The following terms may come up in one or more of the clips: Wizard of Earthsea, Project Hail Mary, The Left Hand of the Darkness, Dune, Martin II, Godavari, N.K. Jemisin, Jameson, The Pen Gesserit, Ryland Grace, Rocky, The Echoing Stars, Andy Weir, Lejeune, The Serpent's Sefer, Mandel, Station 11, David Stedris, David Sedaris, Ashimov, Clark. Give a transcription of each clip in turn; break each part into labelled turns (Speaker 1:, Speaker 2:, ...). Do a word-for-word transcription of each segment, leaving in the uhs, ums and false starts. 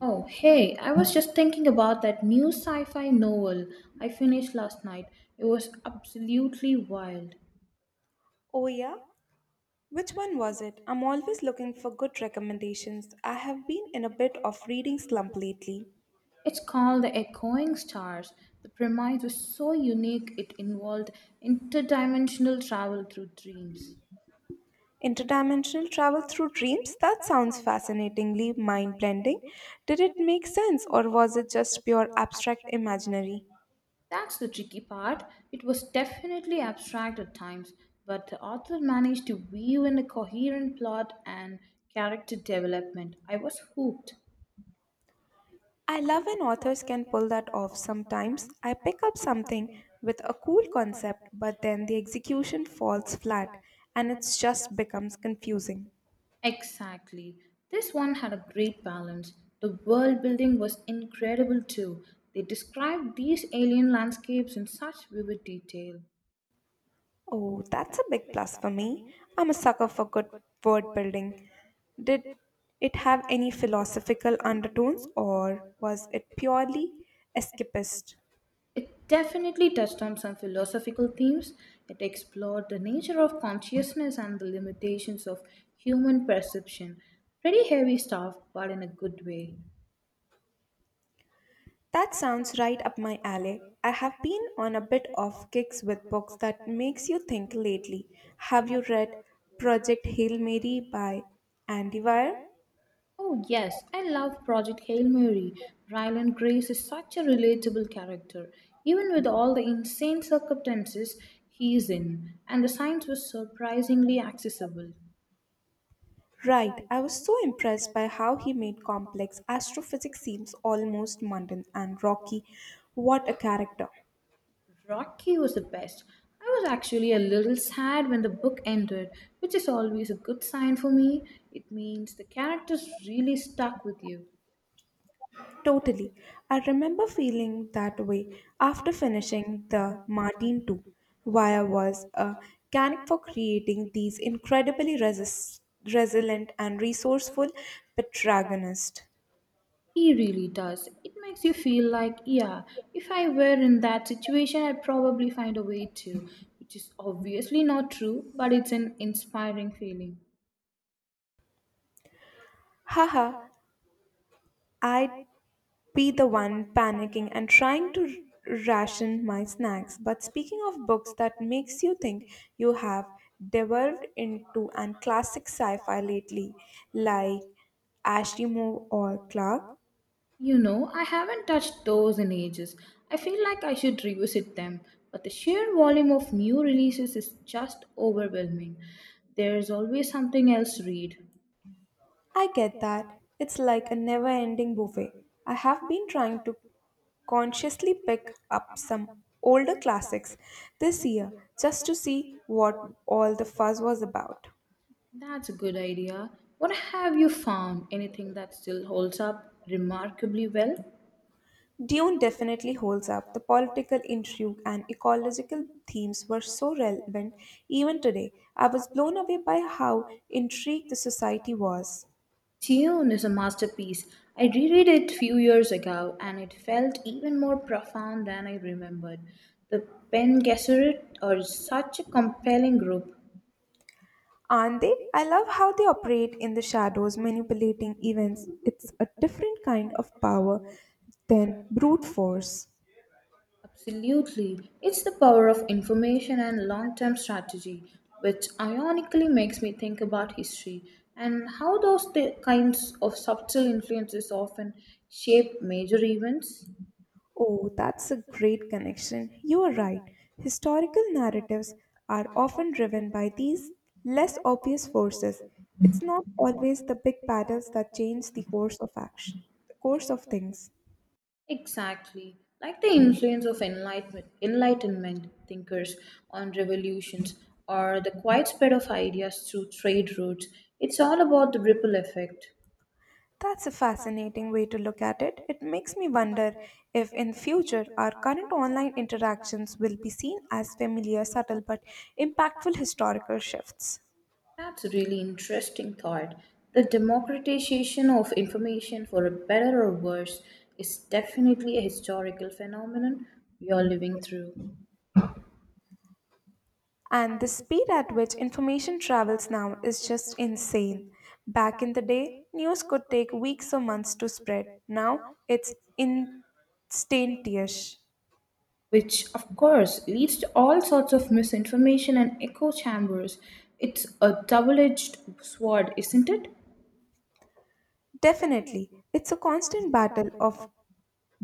Speaker 1: Oh, hey, I was just thinking about that new sci fi novel I finished last night. It was absolutely wild.
Speaker 2: Oh, yeah? Which one was it? I'm always looking for good recommendations. I have been in a bit of reading slump lately.
Speaker 1: It's called The Echoing Stars. The premise was so unique, it involved interdimensional travel through dreams.
Speaker 2: Interdimensional travel through dreams? That sounds fascinatingly mind blending. Did it make sense or was it just pure abstract imaginary?
Speaker 1: That's the tricky part. It was definitely abstract at times, but the author managed to weave in a coherent plot and character development. I was hooked.
Speaker 2: I love when authors can pull that off sometimes. I pick up something with a cool concept, but then the execution falls flat and it just becomes confusing.
Speaker 1: Exactly. This one had a great balance. The world building was incredible too. They described these alien landscapes in such vivid detail.
Speaker 2: Oh, that's a big plus for me. I'm a sucker for good word building. Did it have any philosophical undertones or was it purely escapist?
Speaker 1: It definitely touched on some philosophical themes. It explored the nature of consciousness and the limitations of human perception. Pretty heavy stuff, but in a good way.
Speaker 2: That sounds right up my alley. I have been on a bit of kicks with books that makes you think lately. Have you read Project Hail Mary by Andy Weir?
Speaker 1: Oh, yes, I love Project Hail Mary. Ryland Grace is such a relatable character, even with all the insane circumstances he is in, and the science was surprisingly accessible.
Speaker 2: Right, I was so impressed by how he made complex astrophysics seems almost mundane and rocky. What a character!
Speaker 1: Rocky was the best. I was actually a little sad when the book ended, which is always a good sign for me. It means the characters really stuck with you.
Speaker 2: Totally. I remember feeling that way after finishing the Martin the second. Wire was a mechanic for creating these incredibly resist, resilient and resourceful protagonists.
Speaker 1: He really does. It makes you feel like, yeah, if I were in that situation, I'd probably find a way to, which is obviously not true, but it's an inspiring feeling.
Speaker 2: Haha, I'd be the one panicking and trying to ration my snacks. But speaking of books that makes you think you have delved into an classic sci-fi lately, like Ashimov or Clark.
Speaker 1: You know, I haven't touched those in ages. I feel like I should revisit them, but the sheer volume of new releases is just overwhelming. There's always something else to read.
Speaker 2: I get that. It's like a never ending buffet. I have been trying to consciously pick up some older classics this year just to see what all the fuzz was about.
Speaker 1: That's a good idea. What have you found? Anything that still holds up remarkably well?
Speaker 2: Dune definitely holds up. The political intrigue and ecological themes were so relevant even today. I was blown away by how intrigued the society was.
Speaker 1: Dune is a masterpiece. I reread it few years ago and it felt even more profound than I remembered. The Pen Gesserit are such a compelling group.
Speaker 2: Aren't they? I love how they operate in the shadows, manipulating events. It's a different kind of power than brute force.
Speaker 1: Absolutely. It's the power of information and long term strategy, which ironically makes me think about history and how those t- kinds of subtle influences often shape major events.
Speaker 2: Oh, that's a great connection. You are right. Historical narratives are often driven by these less obvious forces. It's not always the big battles that change the course of action, the course of things.
Speaker 1: Exactly, like the influence of enlightenment, enlightenment thinkers on revolutions or the quiet spread of ideas through trade routes. It's all about the ripple effect.
Speaker 2: That's a fascinating way to look at it. It makes me wonder if in future our current online interactions will be seen as familiar, subtle but impactful historical shifts.
Speaker 1: That's a really interesting thought. The democratization of information for a better or worse is definitely a historical phenomenon we are living through,
Speaker 2: And the speed at which information travels now is just insane. Back in the day, news could take weeks or months to spread. Now it's instantaneous.
Speaker 1: which of course leads to all sorts of misinformation and echo chambers. It's a double edged sword, isn't it?
Speaker 2: Definitely, it's a constant battle of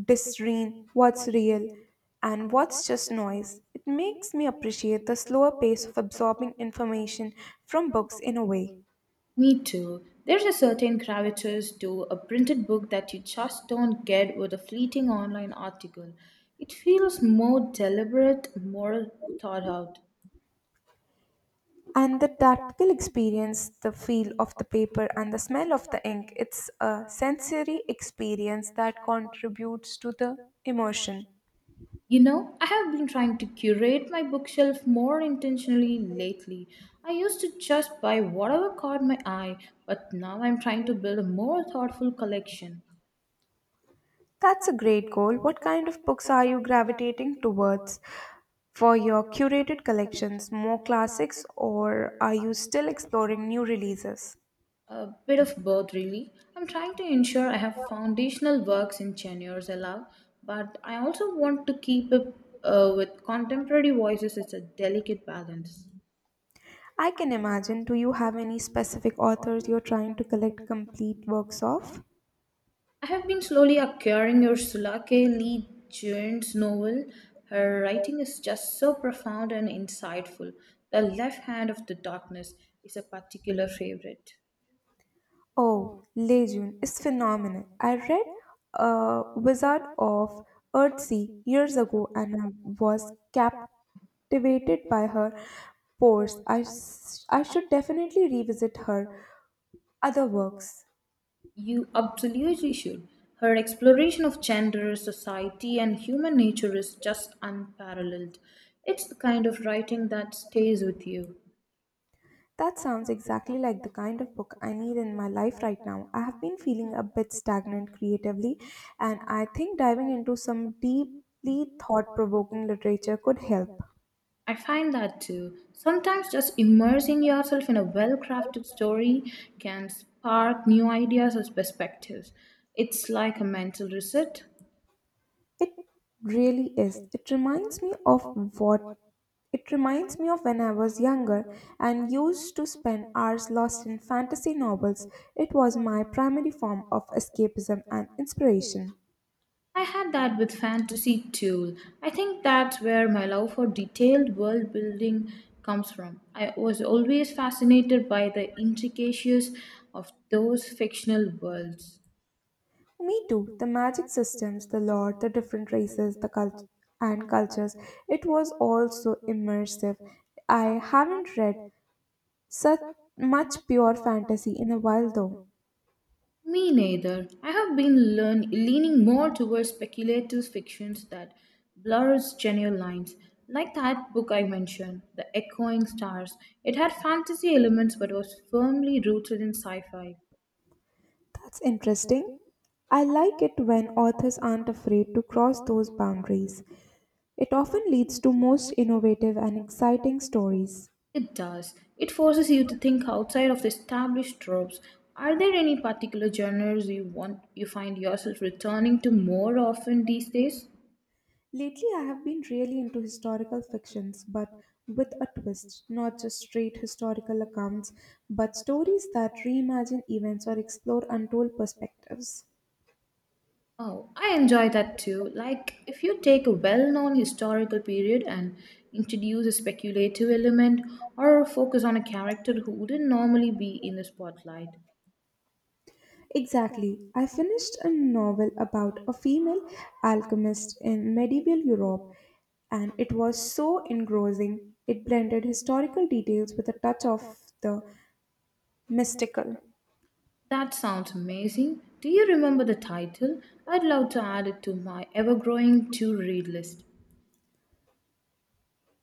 Speaker 2: discern what's real and what's just noise. It makes me appreciate the slower pace of absorbing information from books in a way.
Speaker 1: Me too. There's a certain gravitas to a printed book that you just don't get with a fleeting online article. It feels more deliberate, more thought out.
Speaker 2: And the tactile experience, the feel of the paper and the smell of the ink, it's a sensory experience that contributes to the emotion.
Speaker 1: You know, I have been trying to curate my bookshelf more intentionally lately. I used to just buy whatever caught my eye, but now I'm trying to build a more thoughtful collection.
Speaker 2: That's a great goal. What kind of books are you gravitating towards for your curated collections? More classics, or are you still exploring new releases?
Speaker 1: A bit of both, really. I'm trying to ensure I have foundational works in genres I love, but I also want to keep up uh, with contemporary voices. It's a delicate balance.
Speaker 2: I can imagine. Do you have any specific authors you're trying to collect complete works of?
Speaker 1: I have been slowly acquiring Ursula K. Lee Guin's novel. Her writing is just so profound and insightful. The Left Hand of the Darkness is a particular favorite.
Speaker 2: Oh, Lejeune is phenomenal. I read uh, Wizard of Earthsea years ago and I was captivated by her pores. I, s- I should definitely revisit her other works.
Speaker 1: You absolutely should. Her exploration of gender, society, and human nature is just unparalleled. It's the kind of writing that stays with you.
Speaker 2: That sounds exactly like the kind of book I need in my life right now. I have been feeling a bit stagnant creatively, and I think diving into some deeply thought provoking literature could help.
Speaker 1: I find that too. Sometimes just immersing yourself in a well crafted story can spark new ideas or perspectives. It's like a mental reset.
Speaker 2: It really is. It reminds me of what it reminds me of when I was younger and used to spend hours lost in fantasy novels. It was my primary form of escapism and inspiration.
Speaker 1: I had that with fantasy too. I think that's where my love for detailed world building comes from. I was always fascinated by the intricacies of those fictional worlds.
Speaker 2: Me too. The magic systems, the lore, the different races, the cult- and cultures. It was all so immersive. I haven't read such much pure fantasy in a while though.
Speaker 1: Me neither. I have been learn- leaning more towards speculative fictions that blurs general lines, like that book I mentioned, The Echoing Stars. It had fantasy elements but was firmly rooted in sci fi.
Speaker 2: That's interesting. I like it when authors aren't afraid to cross those boundaries. It often leads to most innovative and exciting stories.
Speaker 1: It does. It forces you to think outside of the established tropes. Are there any particular genres you want you find yourself returning to more often these days?
Speaker 2: Lately, I have been really into historical fictions, but with a twist, not just straight historical accounts, but stories that reimagine events or explore untold perspectives.
Speaker 1: Oh, I enjoy that too. Like if you take a well-known historical period and introduce a speculative element or focus on a character who wouldn't normally be in the spotlight.
Speaker 2: Exactly. I finished a novel about a female alchemist in medieval Europe, and it was so engrossing. It blended historical details with a touch of the mystical.
Speaker 1: That sounds amazing. Do you remember the title? I'd love to add it to my ever-growing to-read list.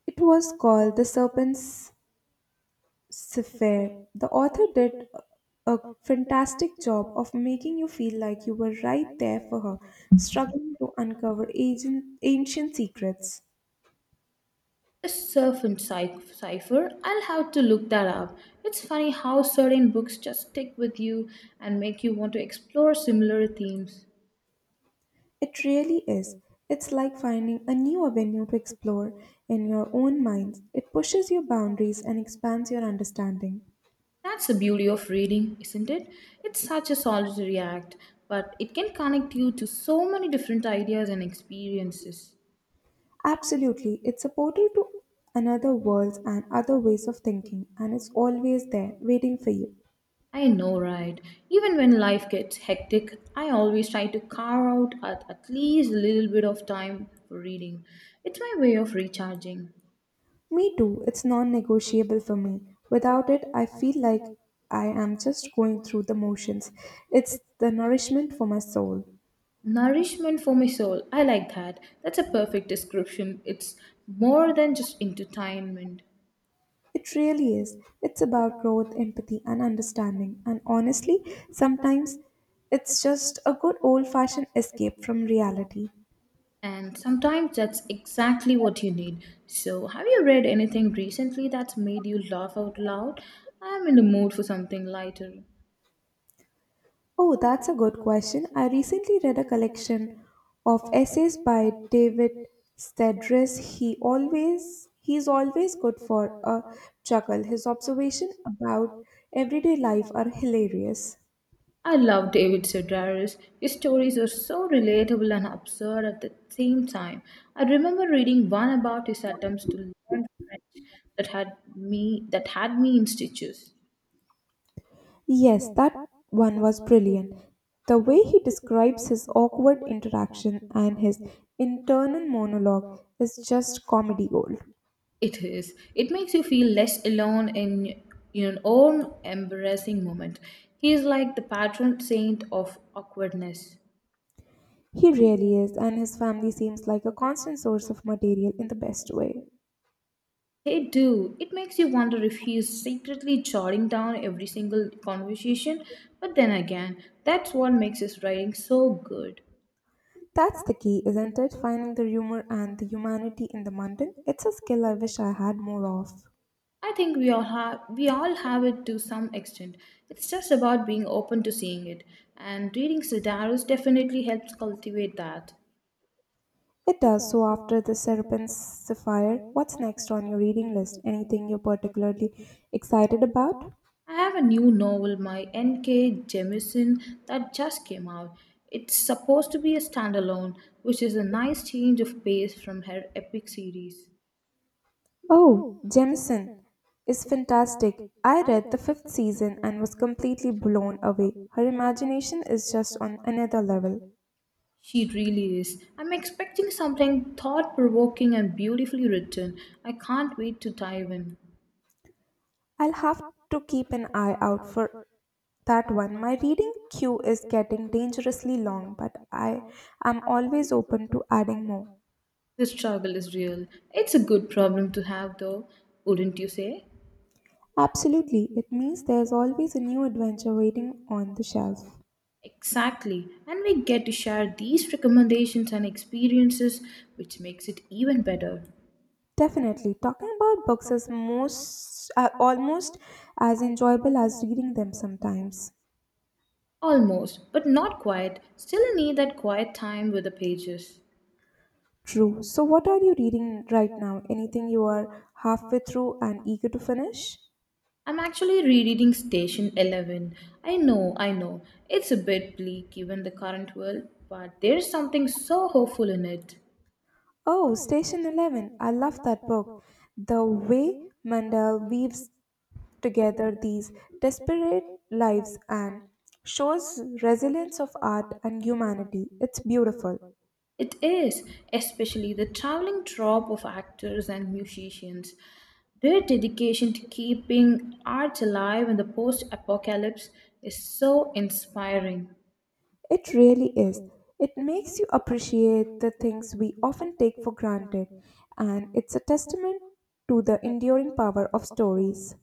Speaker 2: It was called The Serpent's Sefer. The author did a fantastic job of making you feel like you were right there for her, struggling to uncover agent, ancient secrets.
Speaker 1: A serpent cy- cipher? I'll have to look that up. It's funny how certain books just stick with you and make you want to explore similar themes.
Speaker 2: It really is. It's like finding a new avenue to explore in your own mind. It pushes your boundaries and expands your understanding.
Speaker 1: That's the beauty of reading, isn't it? It's such a solitary act, but it can connect you to so many different ideas and experiences.
Speaker 2: Absolutely, it's a portal to another world and other ways of thinking, and it's always there, waiting for you.
Speaker 1: I know, right? Even when life gets hectic, I always try to carve out at, at least a little bit of time for reading. It's my way of recharging.
Speaker 2: Me too, it's non negotiable for me. Without it, I feel like I am just going through the motions. It's the nourishment for my soul.
Speaker 1: Nourishment for my soul. I like that. That's a perfect description. It's more than just entertainment.
Speaker 2: It really is. It's about growth, empathy, and understanding. And honestly, sometimes it's just a good old fashioned escape from reality.
Speaker 1: And sometimes that's exactly what you need. So, have you read anything recently that's made you laugh out loud? I'm in the mood for something lighter.
Speaker 2: Oh, that's a good question. I recently read a collection of essays by David Stedris. He always he's always good for a chuckle. His observation about everyday life are hilarious.
Speaker 1: I love David Sedaris. His stories are so relatable and absurd at the same time. I remember reading one about his attempts to learn French that had me that had me in stitches.
Speaker 2: Yes, that one was brilliant. The way he describes his awkward interaction and his internal monologue is just comedy gold.
Speaker 1: It is. It makes you feel less alone in your own embarrassing moment. He is like the patron saint of awkwardness.
Speaker 2: He really is, and his family seems like a constant source of material in the best way.
Speaker 1: They do. It makes you wonder if he is secretly jotting down every single conversation, but then again, that's what makes his writing so good.
Speaker 2: That's the key, isn't it? Finding the humor and the humanity in the mundane. It's a skill I wish I had more of.
Speaker 1: I think we all have we all have it to some extent. It's just about being open to seeing it, and reading Sidaros definitely helps cultivate that.
Speaker 2: It does. So after the Serpent Sapphire, what's next on your reading list? Anything you're particularly excited about?
Speaker 1: I have a new novel by N K. Jemisin that just came out. It's supposed to be a standalone, which is a nice change of pace from her epic series.
Speaker 2: Oh, Jameson is fantastic. I read the fifth season and was completely blown away. Her imagination is just on another level.
Speaker 1: She really is. I'm expecting something thought provoking and beautifully written. I can't wait to dive in.
Speaker 2: I'll have to keep an eye out for that one. My reading queue is getting dangerously long, but I am always open to adding more.
Speaker 1: The struggle is real. It's a good problem to have, though, wouldn't you say?
Speaker 2: Absolutely, it means there's always a new adventure waiting on the shelf.
Speaker 1: Exactly. And we get to share these recommendations and experiences, which makes it even better.
Speaker 2: Definitely, talking about books is most uh, almost as enjoyable as reading them sometimes.
Speaker 1: Almost, but not quite. Still need that quiet time with the pages.
Speaker 2: True. So, what are you reading right now? Anything you are halfway through and eager to finish?
Speaker 1: I'm actually rereading Station eleven. I know, I know. It's a bit bleak given the current world, but there's something so hopeful in it.
Speaker 2: Oh, Station eleven. I love that book. The way Mandel weaves together these desperate lives and shows resilience of art and humanity. It's beautiful.
Speaker 1: It is, especially the traveling trope of actors and musicians. Their dedication to keeping art alive in the post apocalypse is so inspiring.
Speaker 2: It really is. It makes you appreciate the things we often take for granted, and it's a testament to the enduring power of stories.